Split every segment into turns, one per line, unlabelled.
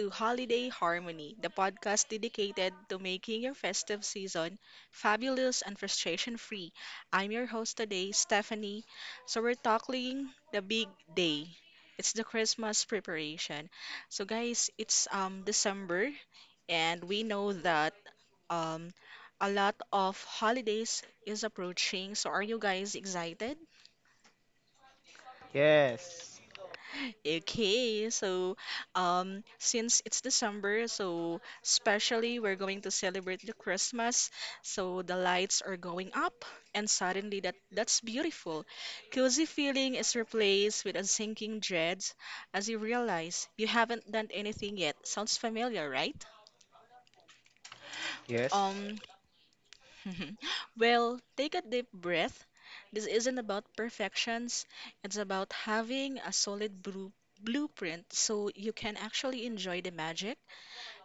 to Holiday Harmony, the podcast dedicated to making your festive season fabulous and frustration free. I'm your host today, Stephanie. So, we're talking the big day. It's the Christmas preparation. So, guys, it's December, and we know that um, a lot of holidays is approaching. So, are you guys excited?
Yes.
Okay, so since it's December, so especially we're going to celebrate the Christmas, so the lights are going up, and suddenly that's beautiful. Cozy feeling is replaced with a sinking dread as you realize you haven't done anything yet. Sounds familiar, right?
Yes.
Um, Mhm. Well, take a deep breath. This isn't about perfections, it's about having a solid blueprint so you can actually enjoy the magic,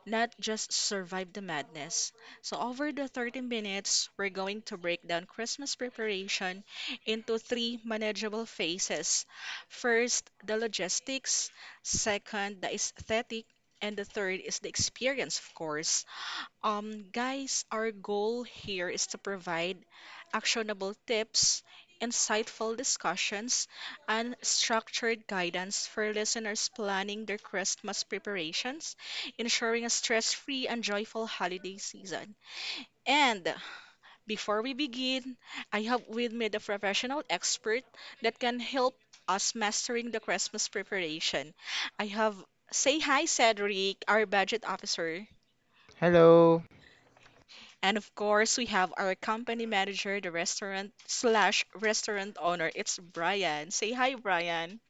not just survive the madness. So, over the 30 minutes, we're going to break down Christmas preparation into three manageable phases. First, the logistics, second, the aesthetic, and the third is the experience, of course. Guys, our goal here is to provide actionable tips, insightful discussions, and structured guidance for listeners planning their Christmas preparations, ensuring a stress-free and joyful holiday season. And before we begin, I have with me the professional expert that can help us mastering the Christmas preparation. I have Say hi, Cedric, our budget officer.
Hello.
And of course, we have our company manager, the restaurant slash restaurant owner. It's Brian. Say hi, Brian.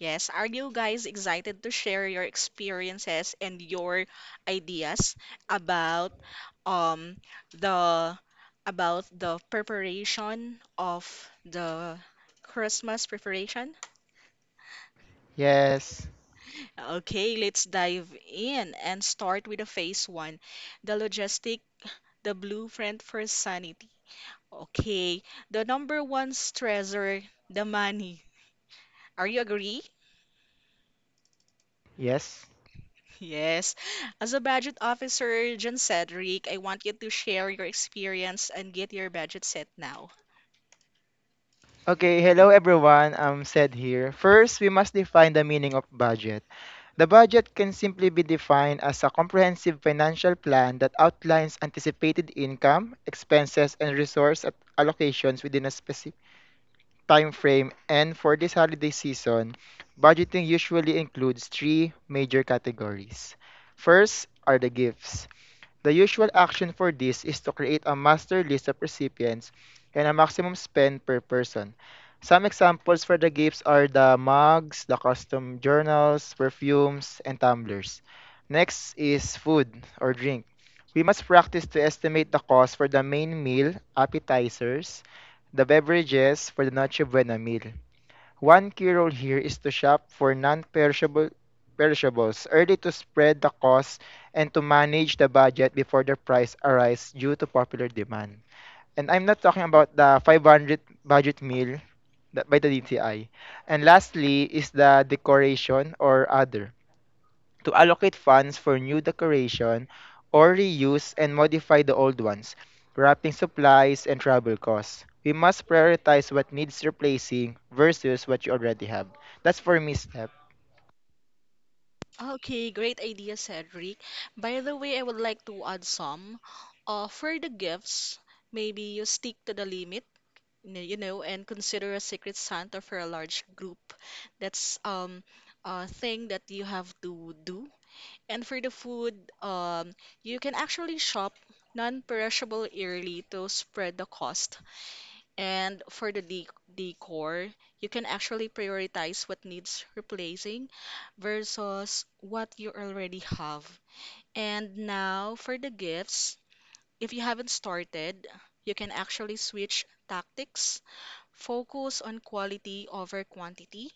Yes, are you guys excited to share your experiences and your ideas about um the about the preparation of the Christmas preparation?
Yes.
Okay, let's dive in and start with the phase one, the logistic, the blueprint for sanity. Okay, the number one stressor, the money. Are you agree?
Yes.
Yes. As a budget officer, John Cedric, I want you to share your experience and get your budget set now.
Okay, hello everyone. I'm Sed here. First, we must define the meaning of budget. The budget can simply be defined as a comprehensive financial plan that outlines anticipated income, expenses, and resource allocations within a specific time frame. And for this holiday season, budgeting usually includes three major categories. First are the gifts. The usual action for this is to create a master list of recipients and a maximum spend per person. Some examples for the gifts are the mugs, the custom journals, perfumes, and tumblers. Next is food or drink. We must practice to estimate the cost for the main meal, appetizers, the beverages for the Noche Buena meal. One key role here is to shop for non-perishable perishables early to spread the cost and to manage the budget before the price arise due to popular demand. And I'm not talking about the 500 budget meal that by the DTI. And lastly is the decoration or other, to allocate funds for new decoration or reuse and modify the old ones, wrapping supplies and travel costs. We must prioritize what needs replacing versus what you already have. That's for me, Step.
Okay, great idea, Cedric. By the way, I would like to add some. For the gifts, maybe you stick to the limit, and consider a secret Santa for a large group. That's a thing that you have to do. And for the food, um, you can actually shop non-perishable yearly to spread the cost. And for the de decor, you can actually prioritize what needs replacing versus what you already have. And now for the gifts, if you haven't started, you can actually switch tactics, focus on quality over quantity,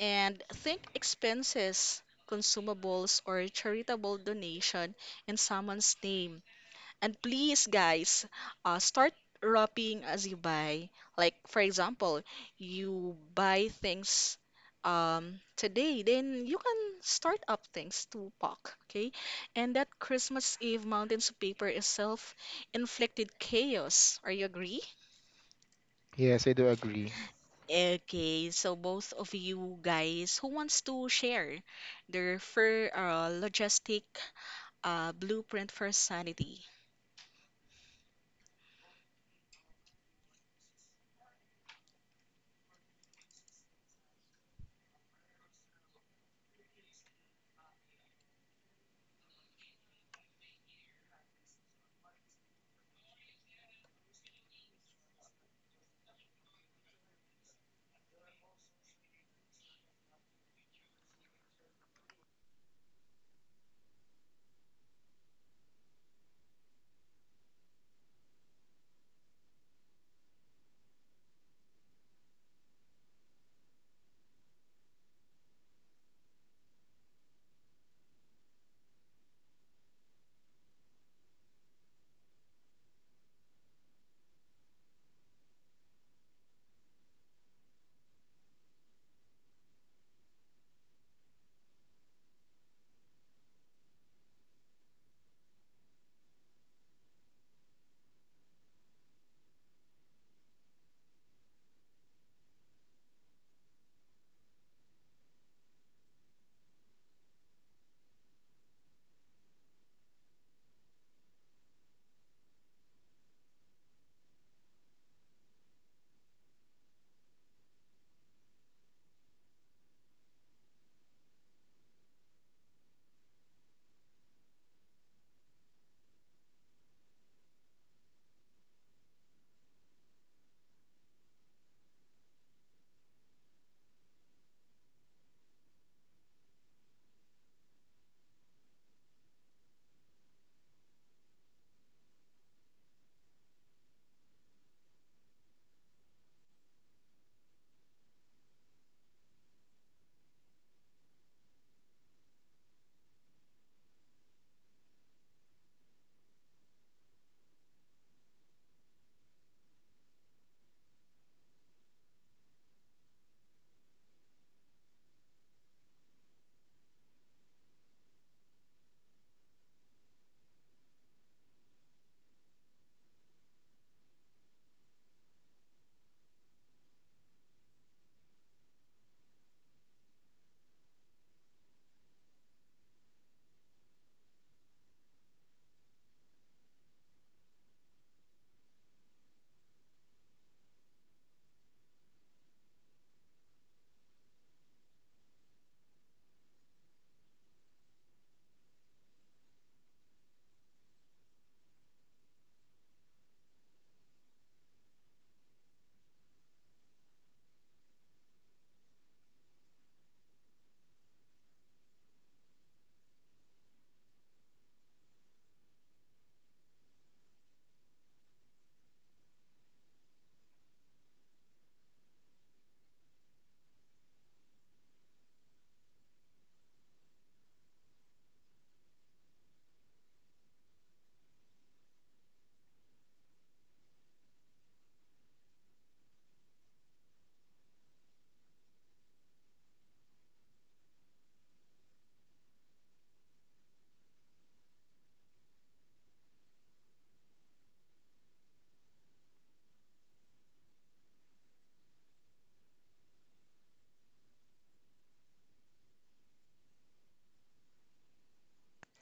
and think expenses, consumables, or charitable donation in someone's name. And please, guys, start wrapping as you buy. Like, for example, you buy things today, then you can start up things to pack, okay? And that Christmas Eve mountains of paper is self-inflicted chaos. Are you agree?
Yes, I do agree.
Okay, so both of you guys who wants to share their fur logistic blueprint for sanity?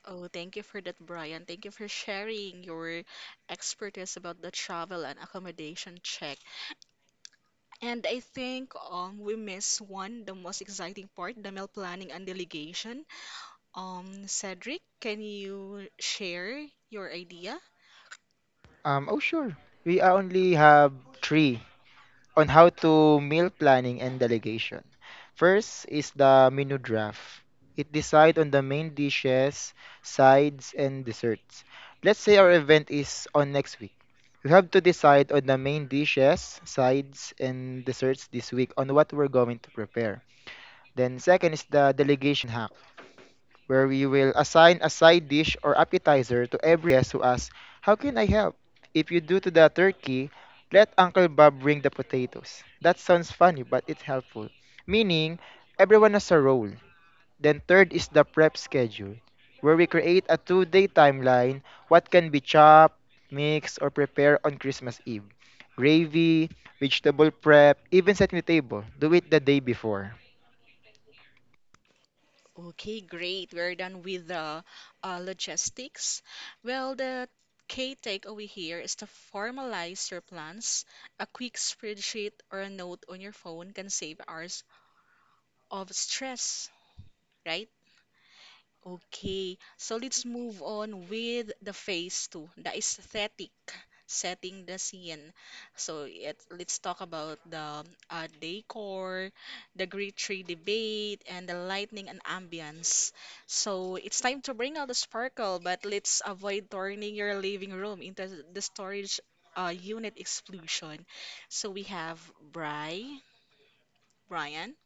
Oh, thank you for that, Brian. Thank you for sharing your expertise about the travel and accommodation check. And I think we miss one, the most exciting part, the meal planning and delegation. Cedric, can you share your idea?
Oh sure. We only have three on how to meal planning and delegation. First is the menu draft. It decides on the main dishes, sides, and desserts. Let's say our event is on next week. We have to decide on the main dishes, sides, and desserts this week on what we're going to prepare. Then second is the delegation hack, where we will assign a side dish or appetizer to every guest who asks, "How can I help?" If you do to the turkey, let Uncle Bob bring the potatoes. That sounds funny, but it's helpful. Meaning, everyone has a role. Then third is the prep schedule, where we create a two-day timeline, what can be chopped, mixed, or prepared on Christmas Eve. Gravy, vegetable prep, even setting the table. Do it the day before.
Okay, great. We're done with the logistics. Well, the key takeaway here is to formalize your plans. A quick spreadsheet or a note on your phone can save hours of stress, right? Okay, so let's move on with the phase two, the aesthetic setting the scene. So let's talk about the decor, the grade tree debate, and the lighting and ambience. So it's time to bring out the sparkle, but let's avoid turning your living room into the storage unit explosion. So we have Bri, Brian.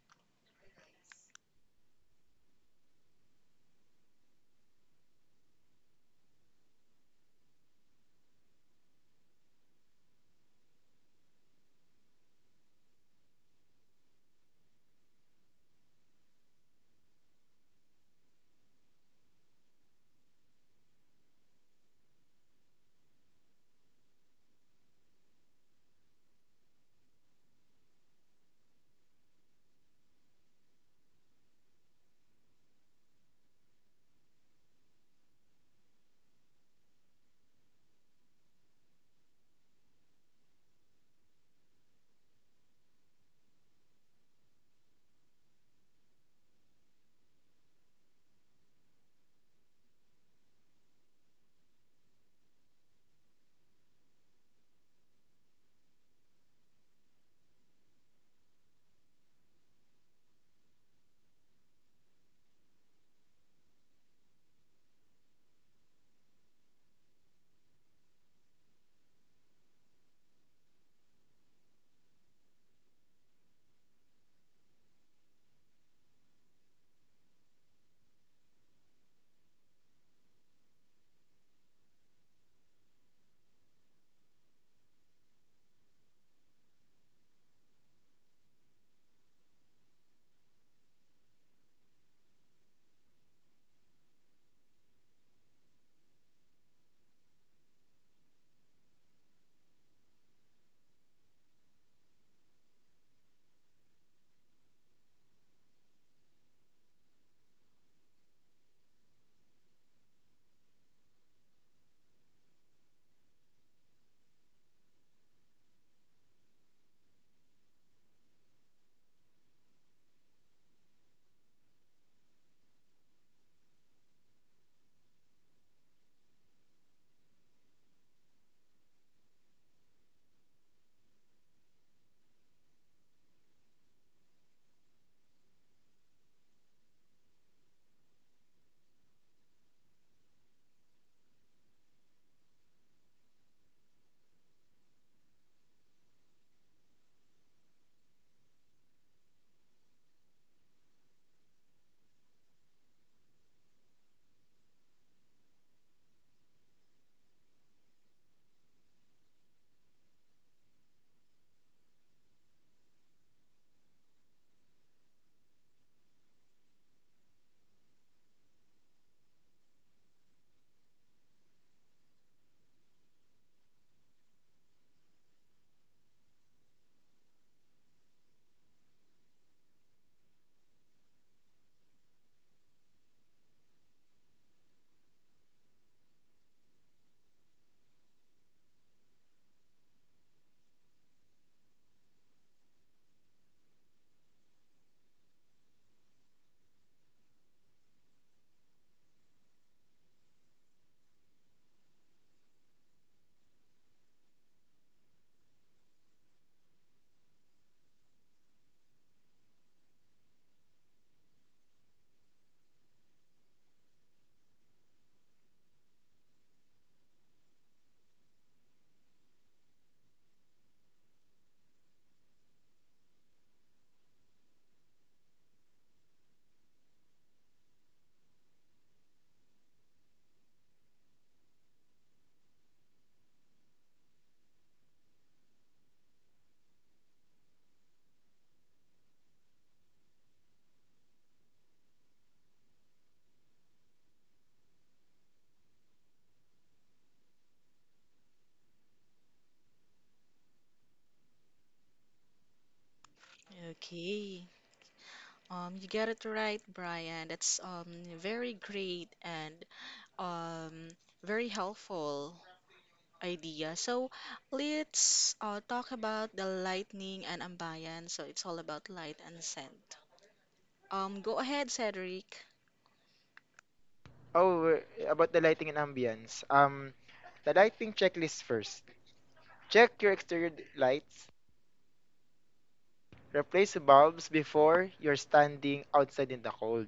Okay, you got it right, Brian. That's very great and um very helpful idea. So let's talk about the lightning and ambayan. So it's all about light and scent. Go ahead, Cedric.
Oh, about the lighting and ambience. The lighting checklist first. Check your exterior lights. Replace bulbs before you're standing outside in the cold.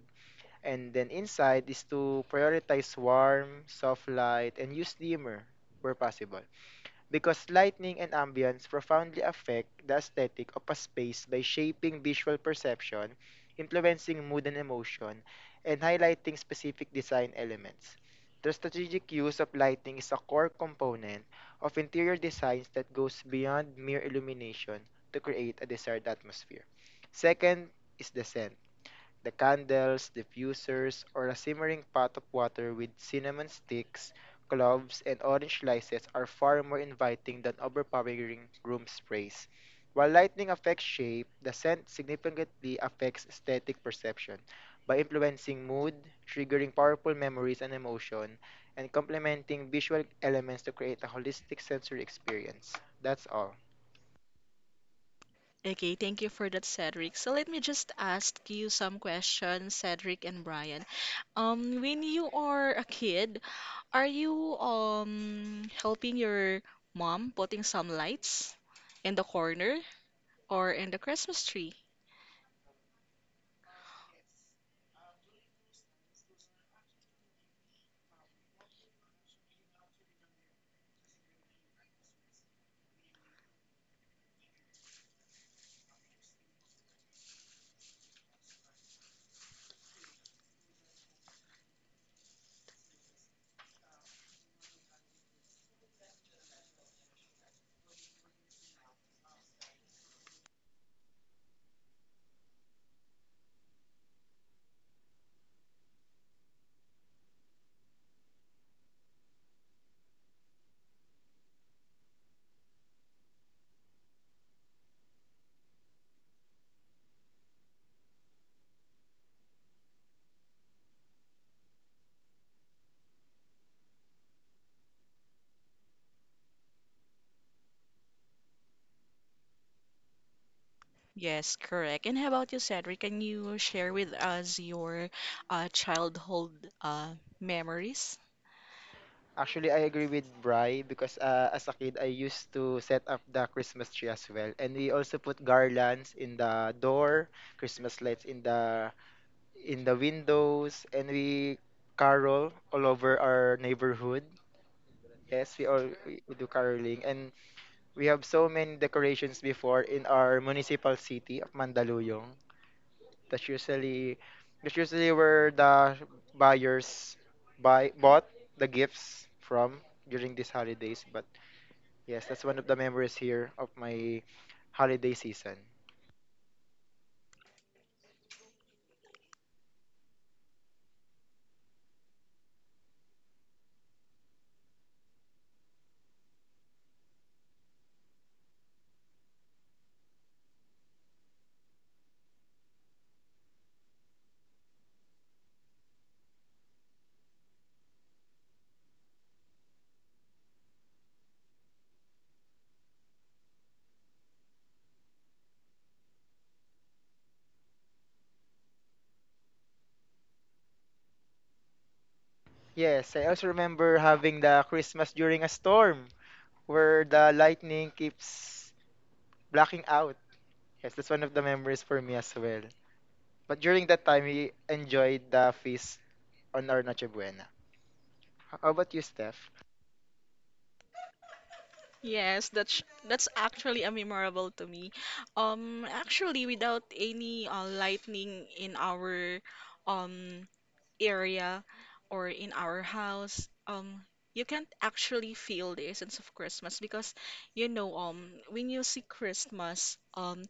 And then inside is to prioritize warm, soft light, and use dimmer where possible, because lighting and ambience profoundly affect the aesthetic of a space by shaping visual perception, influencing mood and emotion, and highlighting specific design elements. The strategic use of lighting is a core component of interior designs that goes beyond mere illumination to create a desired atmosphere. Second is the scent. The candles, diffusers, or a simmering pot of water with cinnamon sticks, cloves, and orange slices are far more inviting than overpowering room sprays. While lighting affects shape, the scent significantly affects aesthetic perception by influencing mood, triggering powerful memories and emotion, and complementing visual elements to create a holistic sensory experience. That's all.
Okay, thank you for that, Cedric. So let me just ask you some questions, Cedric and Brian. When you are a kid, are you helping your mom putting some lights in the corner or in the Christmas tree? Yes, correct. And how about you, Cedric? Can you share with us your childhood uh, memories?
Actually, I agree with Bri because as a kid, I used to set up the Christmas tree as well, and we also put garlands in the door, Christmas lights in the windows, and we carol all over our neighborhood. Yes, we do caroling, and we have so many decorations before in our municipal city of Mandaluyong. That's usually that's usually where the buyers buy bought the gifts from during these holidays, but yes, that's one of the memories here of my holiday season. Yes, I also remember having the Christmas during a storm where the lightning keeps blacking out. Yes, that's one of the memories for me as well. But during that time, we enjoyed the feast on our Noche Buena. How about you, Steph?
Yes, that's actually a memorable to me. Actually, without any lightning in our um area or in our house, you can't actually feel the essence of Christmas because you know when you see Christmas,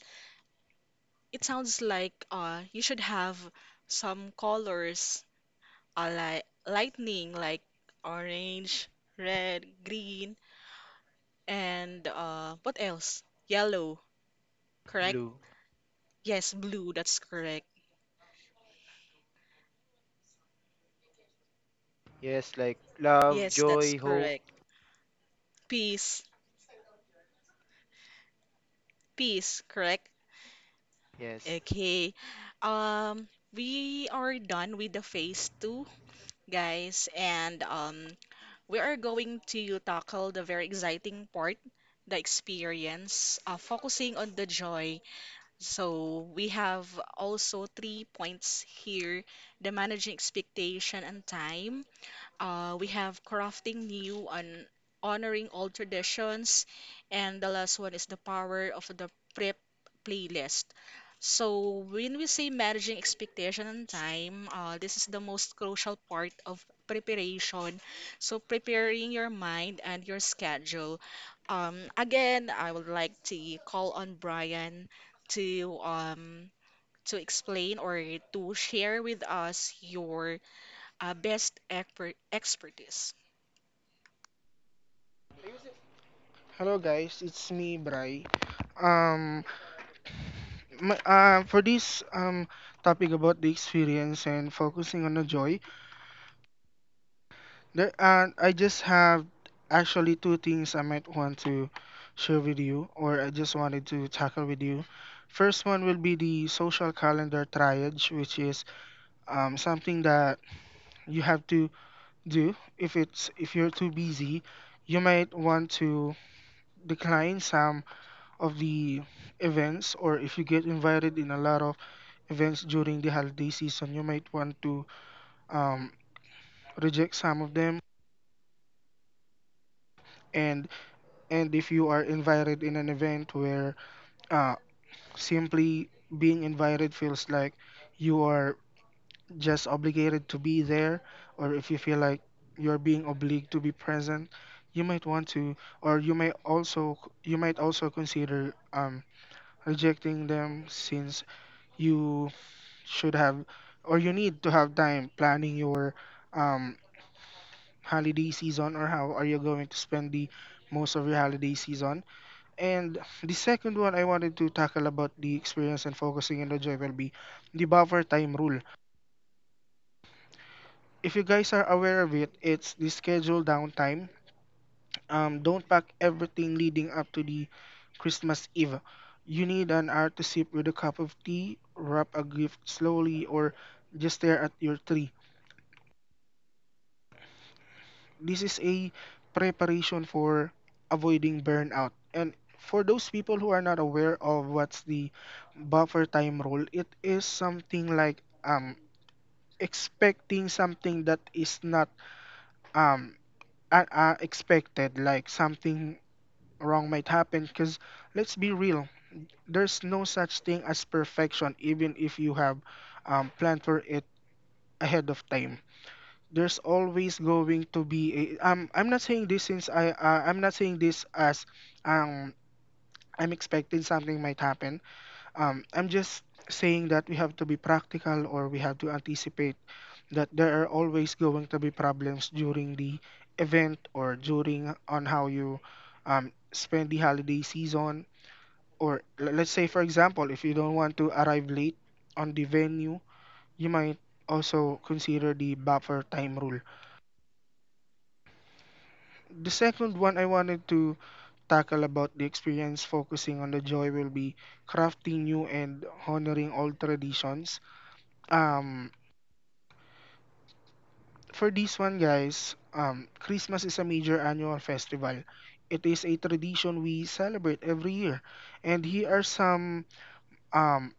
it sounds like you should have some colors are like lightning, like orange, red, green, and what else? Yellow, correct?
Blue.
Yes, blue, that's correct.
Yes, like love,
Yes, that's
joy, hope.
correct. Peace, peace, correct?
Yes.
Okay. Um, we are done with the phase two, guys, and we are going to tackle the very exciting part, the experience, focusing on the joy. So we have also three points here, the managing expectation and time, we have crafting new and honoring old traditions, and the last one is the power of the prep playlist. So when we say managing expectation and time, this is the most crucial part of preparation. So preparing your mind and your schedule. Again, I would like to call on Brian to to explain or to share with us your best expertise.
Hello guys, it's me Bry. Um, My, for this topic about the experience and focusing on the joy, there I just have actually two things I might want to share with you, or I just wanted to tackle with you. First one will be the social calendar triage, which is something that you have to do if it's if you're too busy. You might want to decline some of the events, or if you get invited in a lot of events during the holiday season, you might want to um, reject some of them, and and if you are invited in an event where uh, simply being invited feels like you are just obligated to be there, or if you feel like you're being obliged to be present, you might want to, or you might also consider rejecting them, since you should have or you need to have time planning your um, holiday season, or how are you going to spend the most of your holiday season. And the second one I wanted to tackle about the experience and focusing on the joy will be the buffer time rule. If you guys are aware of it, it's the schedule downtime. Don't pack everything leading up to the Christmas Eve. You need an hour to sip with a cup of tea, wrap a gift slowly, or just stare at your tree. This is a preparation for avoiding burnout. And for those people who are not aware of what's the buffer time rule, it is something like expecting something that is not um expected, like something wrong might happen, because let's be real, there's no such thing as perfection even if you have planned for it ahead of time. There's always going to be a, I'm not saying this since I I'm not saying this as um I'm expecting something might happen. I'm just saying that we have to be practical, or we have to anticipate that there are always going to be problems during the event or during on how you spend the holiday season. Or let's say for example, if you don't want to arrive late on the venue, you might also consider the buffer time rule. The second one I wanted to tackle about the experience focusing on the joy will be crafting new and honoring old traditions. Um, for this one, guys, Christmas is a major annual festival. It is a tradition we celebrate every year, and here are some um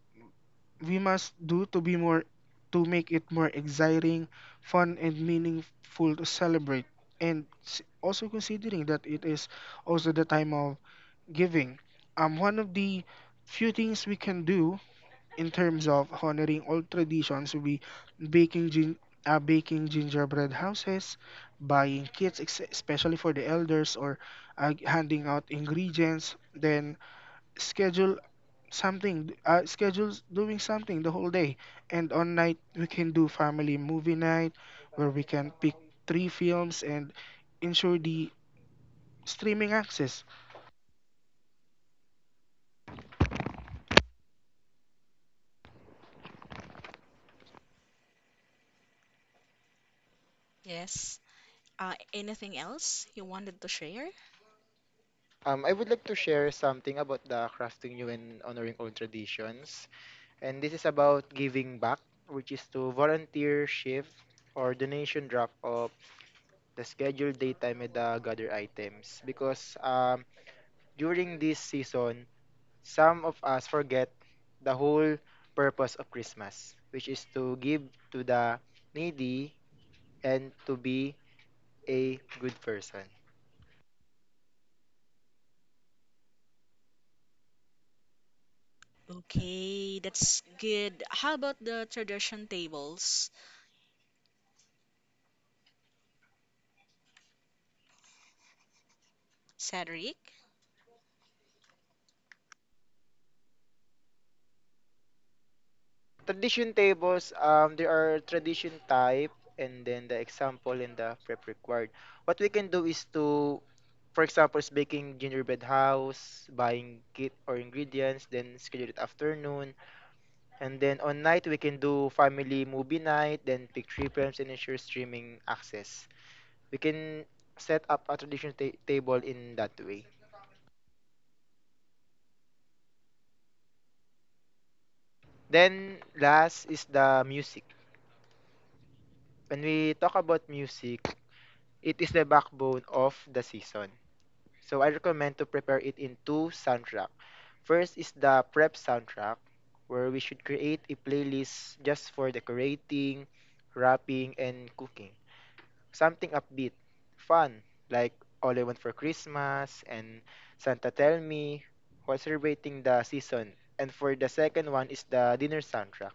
we must do to be more to make it more exciting, fun, and meaningful to celebrate. And also considering that it is also the time of giving. One of the few things we can do in terms of honoring old traditions would be baking gin- baking gingerbread houses, buying kits, especially for the elders, or handing out ingredients. Then schedule schedule doing something the whole day. And on night we can do family movie night, where we can pick three films and ensure the streaming access.
Yes. Anything else you wanted to share?
I would like to share something about the crafting new and honoring old traditions. And this is about giving back, which is to volunteer shift or donation drop of the scheduled daytime with the gather items. Because during this season, some of us forget the whole purpose of Christmas, which is to give to the needy and to be a good person.
Okay, that's good. How about the tradition tables, Cedric?
Tradition tables, there are tradition type and then the example and the prep required. What we can do is to, for example, is baking gingerbread house, buying kit or ingredients, then schedule it afternoon. And then on night, we can do family movie night, then pick three films and ensure streaming access. We can set up a tradition table in that way. Then last is the music. When we talk about music, it is the backbone of the season. So I recommend to prepare it in two soundtrack. First is the prep soundtrack, where we should create a playlist just for decorating, wrapping, and cooking. Something upbeat, fun, like All I Want for Christmas and Santa Tell Me, while celebrating the season. And for the second one is the dinner soundtrack.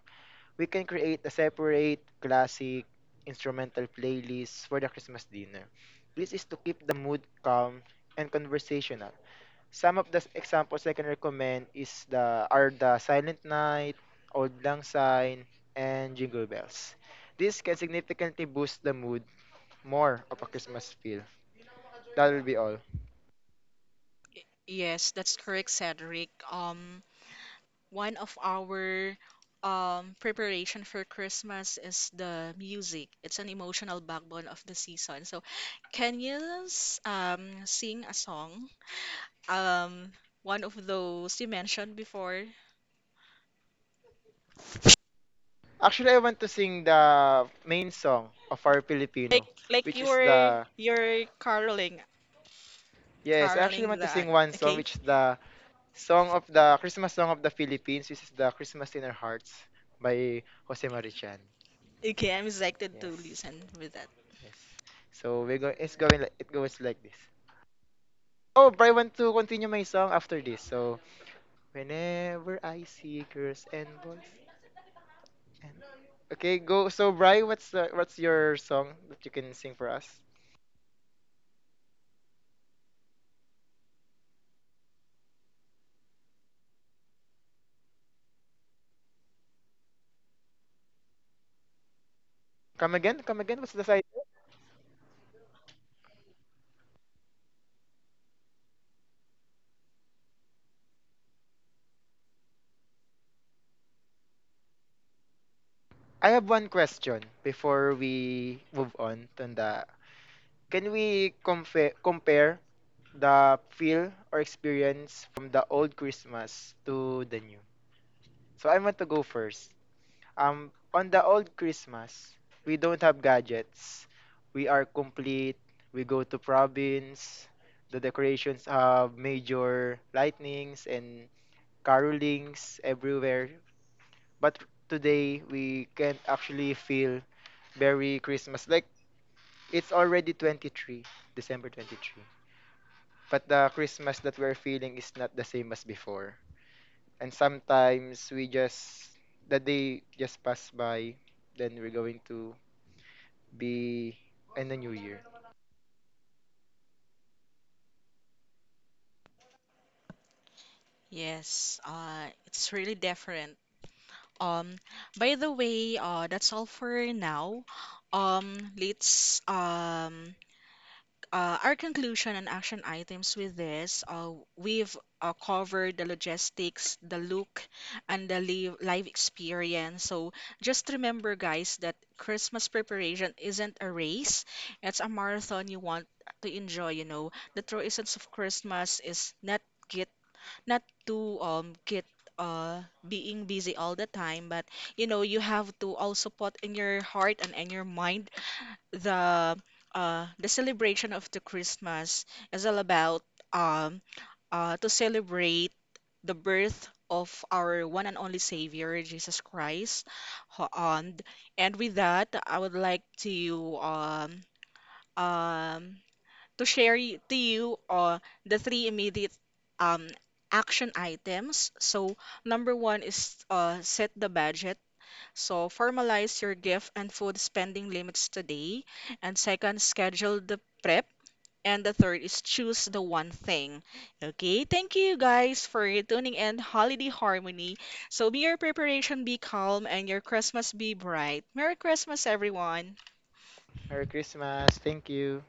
We can create a separate classic instrumental playlist for the Christmas dinner. This is to keep the mood calm and conversational. Some of the examples I can recommend is the are the Silent Night, Old Lang Syne, and Jingle Bells. This can significantly boost the mood more of a Christmas feel. That will be all.
Yes, that's correct, Cedric. One of our preparation for Christmas is the music. It's an emotional backbone of the season. So, can you sing a song? Um, one of those you mentioned before,
Actually, I want to sing the main song of our
Like
Filipino,
like
which is
you're
the
you're caroling
yes. I actually
caroling
want to sing one song,
okay?
which is the song of the Christmas song of the Philippines, which is the Christmas in Our Hearts by Jose Marichan.
Okay, I'm excited to
Yes,
listen with that.
yes. So we're going. It's going like It goes like this. Oh, but I want to continue my song after this. So, whenever I see girls and boys and okay, go. So, Bri, what's your song that you can sing for us? Come again, come again. What's the side? I have one question before we move on to the. Can we compare the feel or experience from the old Christmas to the new? So I want to go first. On the old Christmas, we don't have gadgets. We are complete. We go to province. The decorations have major lightnings and carolings everywhere. But today, we can't actually feel very Christmas. Like, it's already 23, December 23. But the Christmas that we're feeling is not the same as before. And sometimes we just, the day just pass by. Then we're going to be in the new year.
Yes, it's really different. Um, by the way, that's all for now. Let's our conclusion and action items with this, we've covered the logistics, the look, and the live experience. So just remember, guys, that Christmas preparation isn't a race, it's a marathon you want to enjoy. You know, the true essence of Christmas is not get, not to get. Uh, being busy all the time, but you know, you have to also put in your heart and in your mind the the celebration of the Christmas is all about um, to celebrate the birth of our one and only Savior Jesus Christ. Ho- And and with that, I would like um, to share to you the three immediate um, action items. So number one is set the budget. So formalize your gift and food spending limits today. And second, schedule the prep. And the third is choose the one thing. Okay, thank you guys for tuning in Holiday Harmony. So may your preparation be calm and your Christmas be bright. Merry Christmas, everyone.
Merry Christmas. Thank you.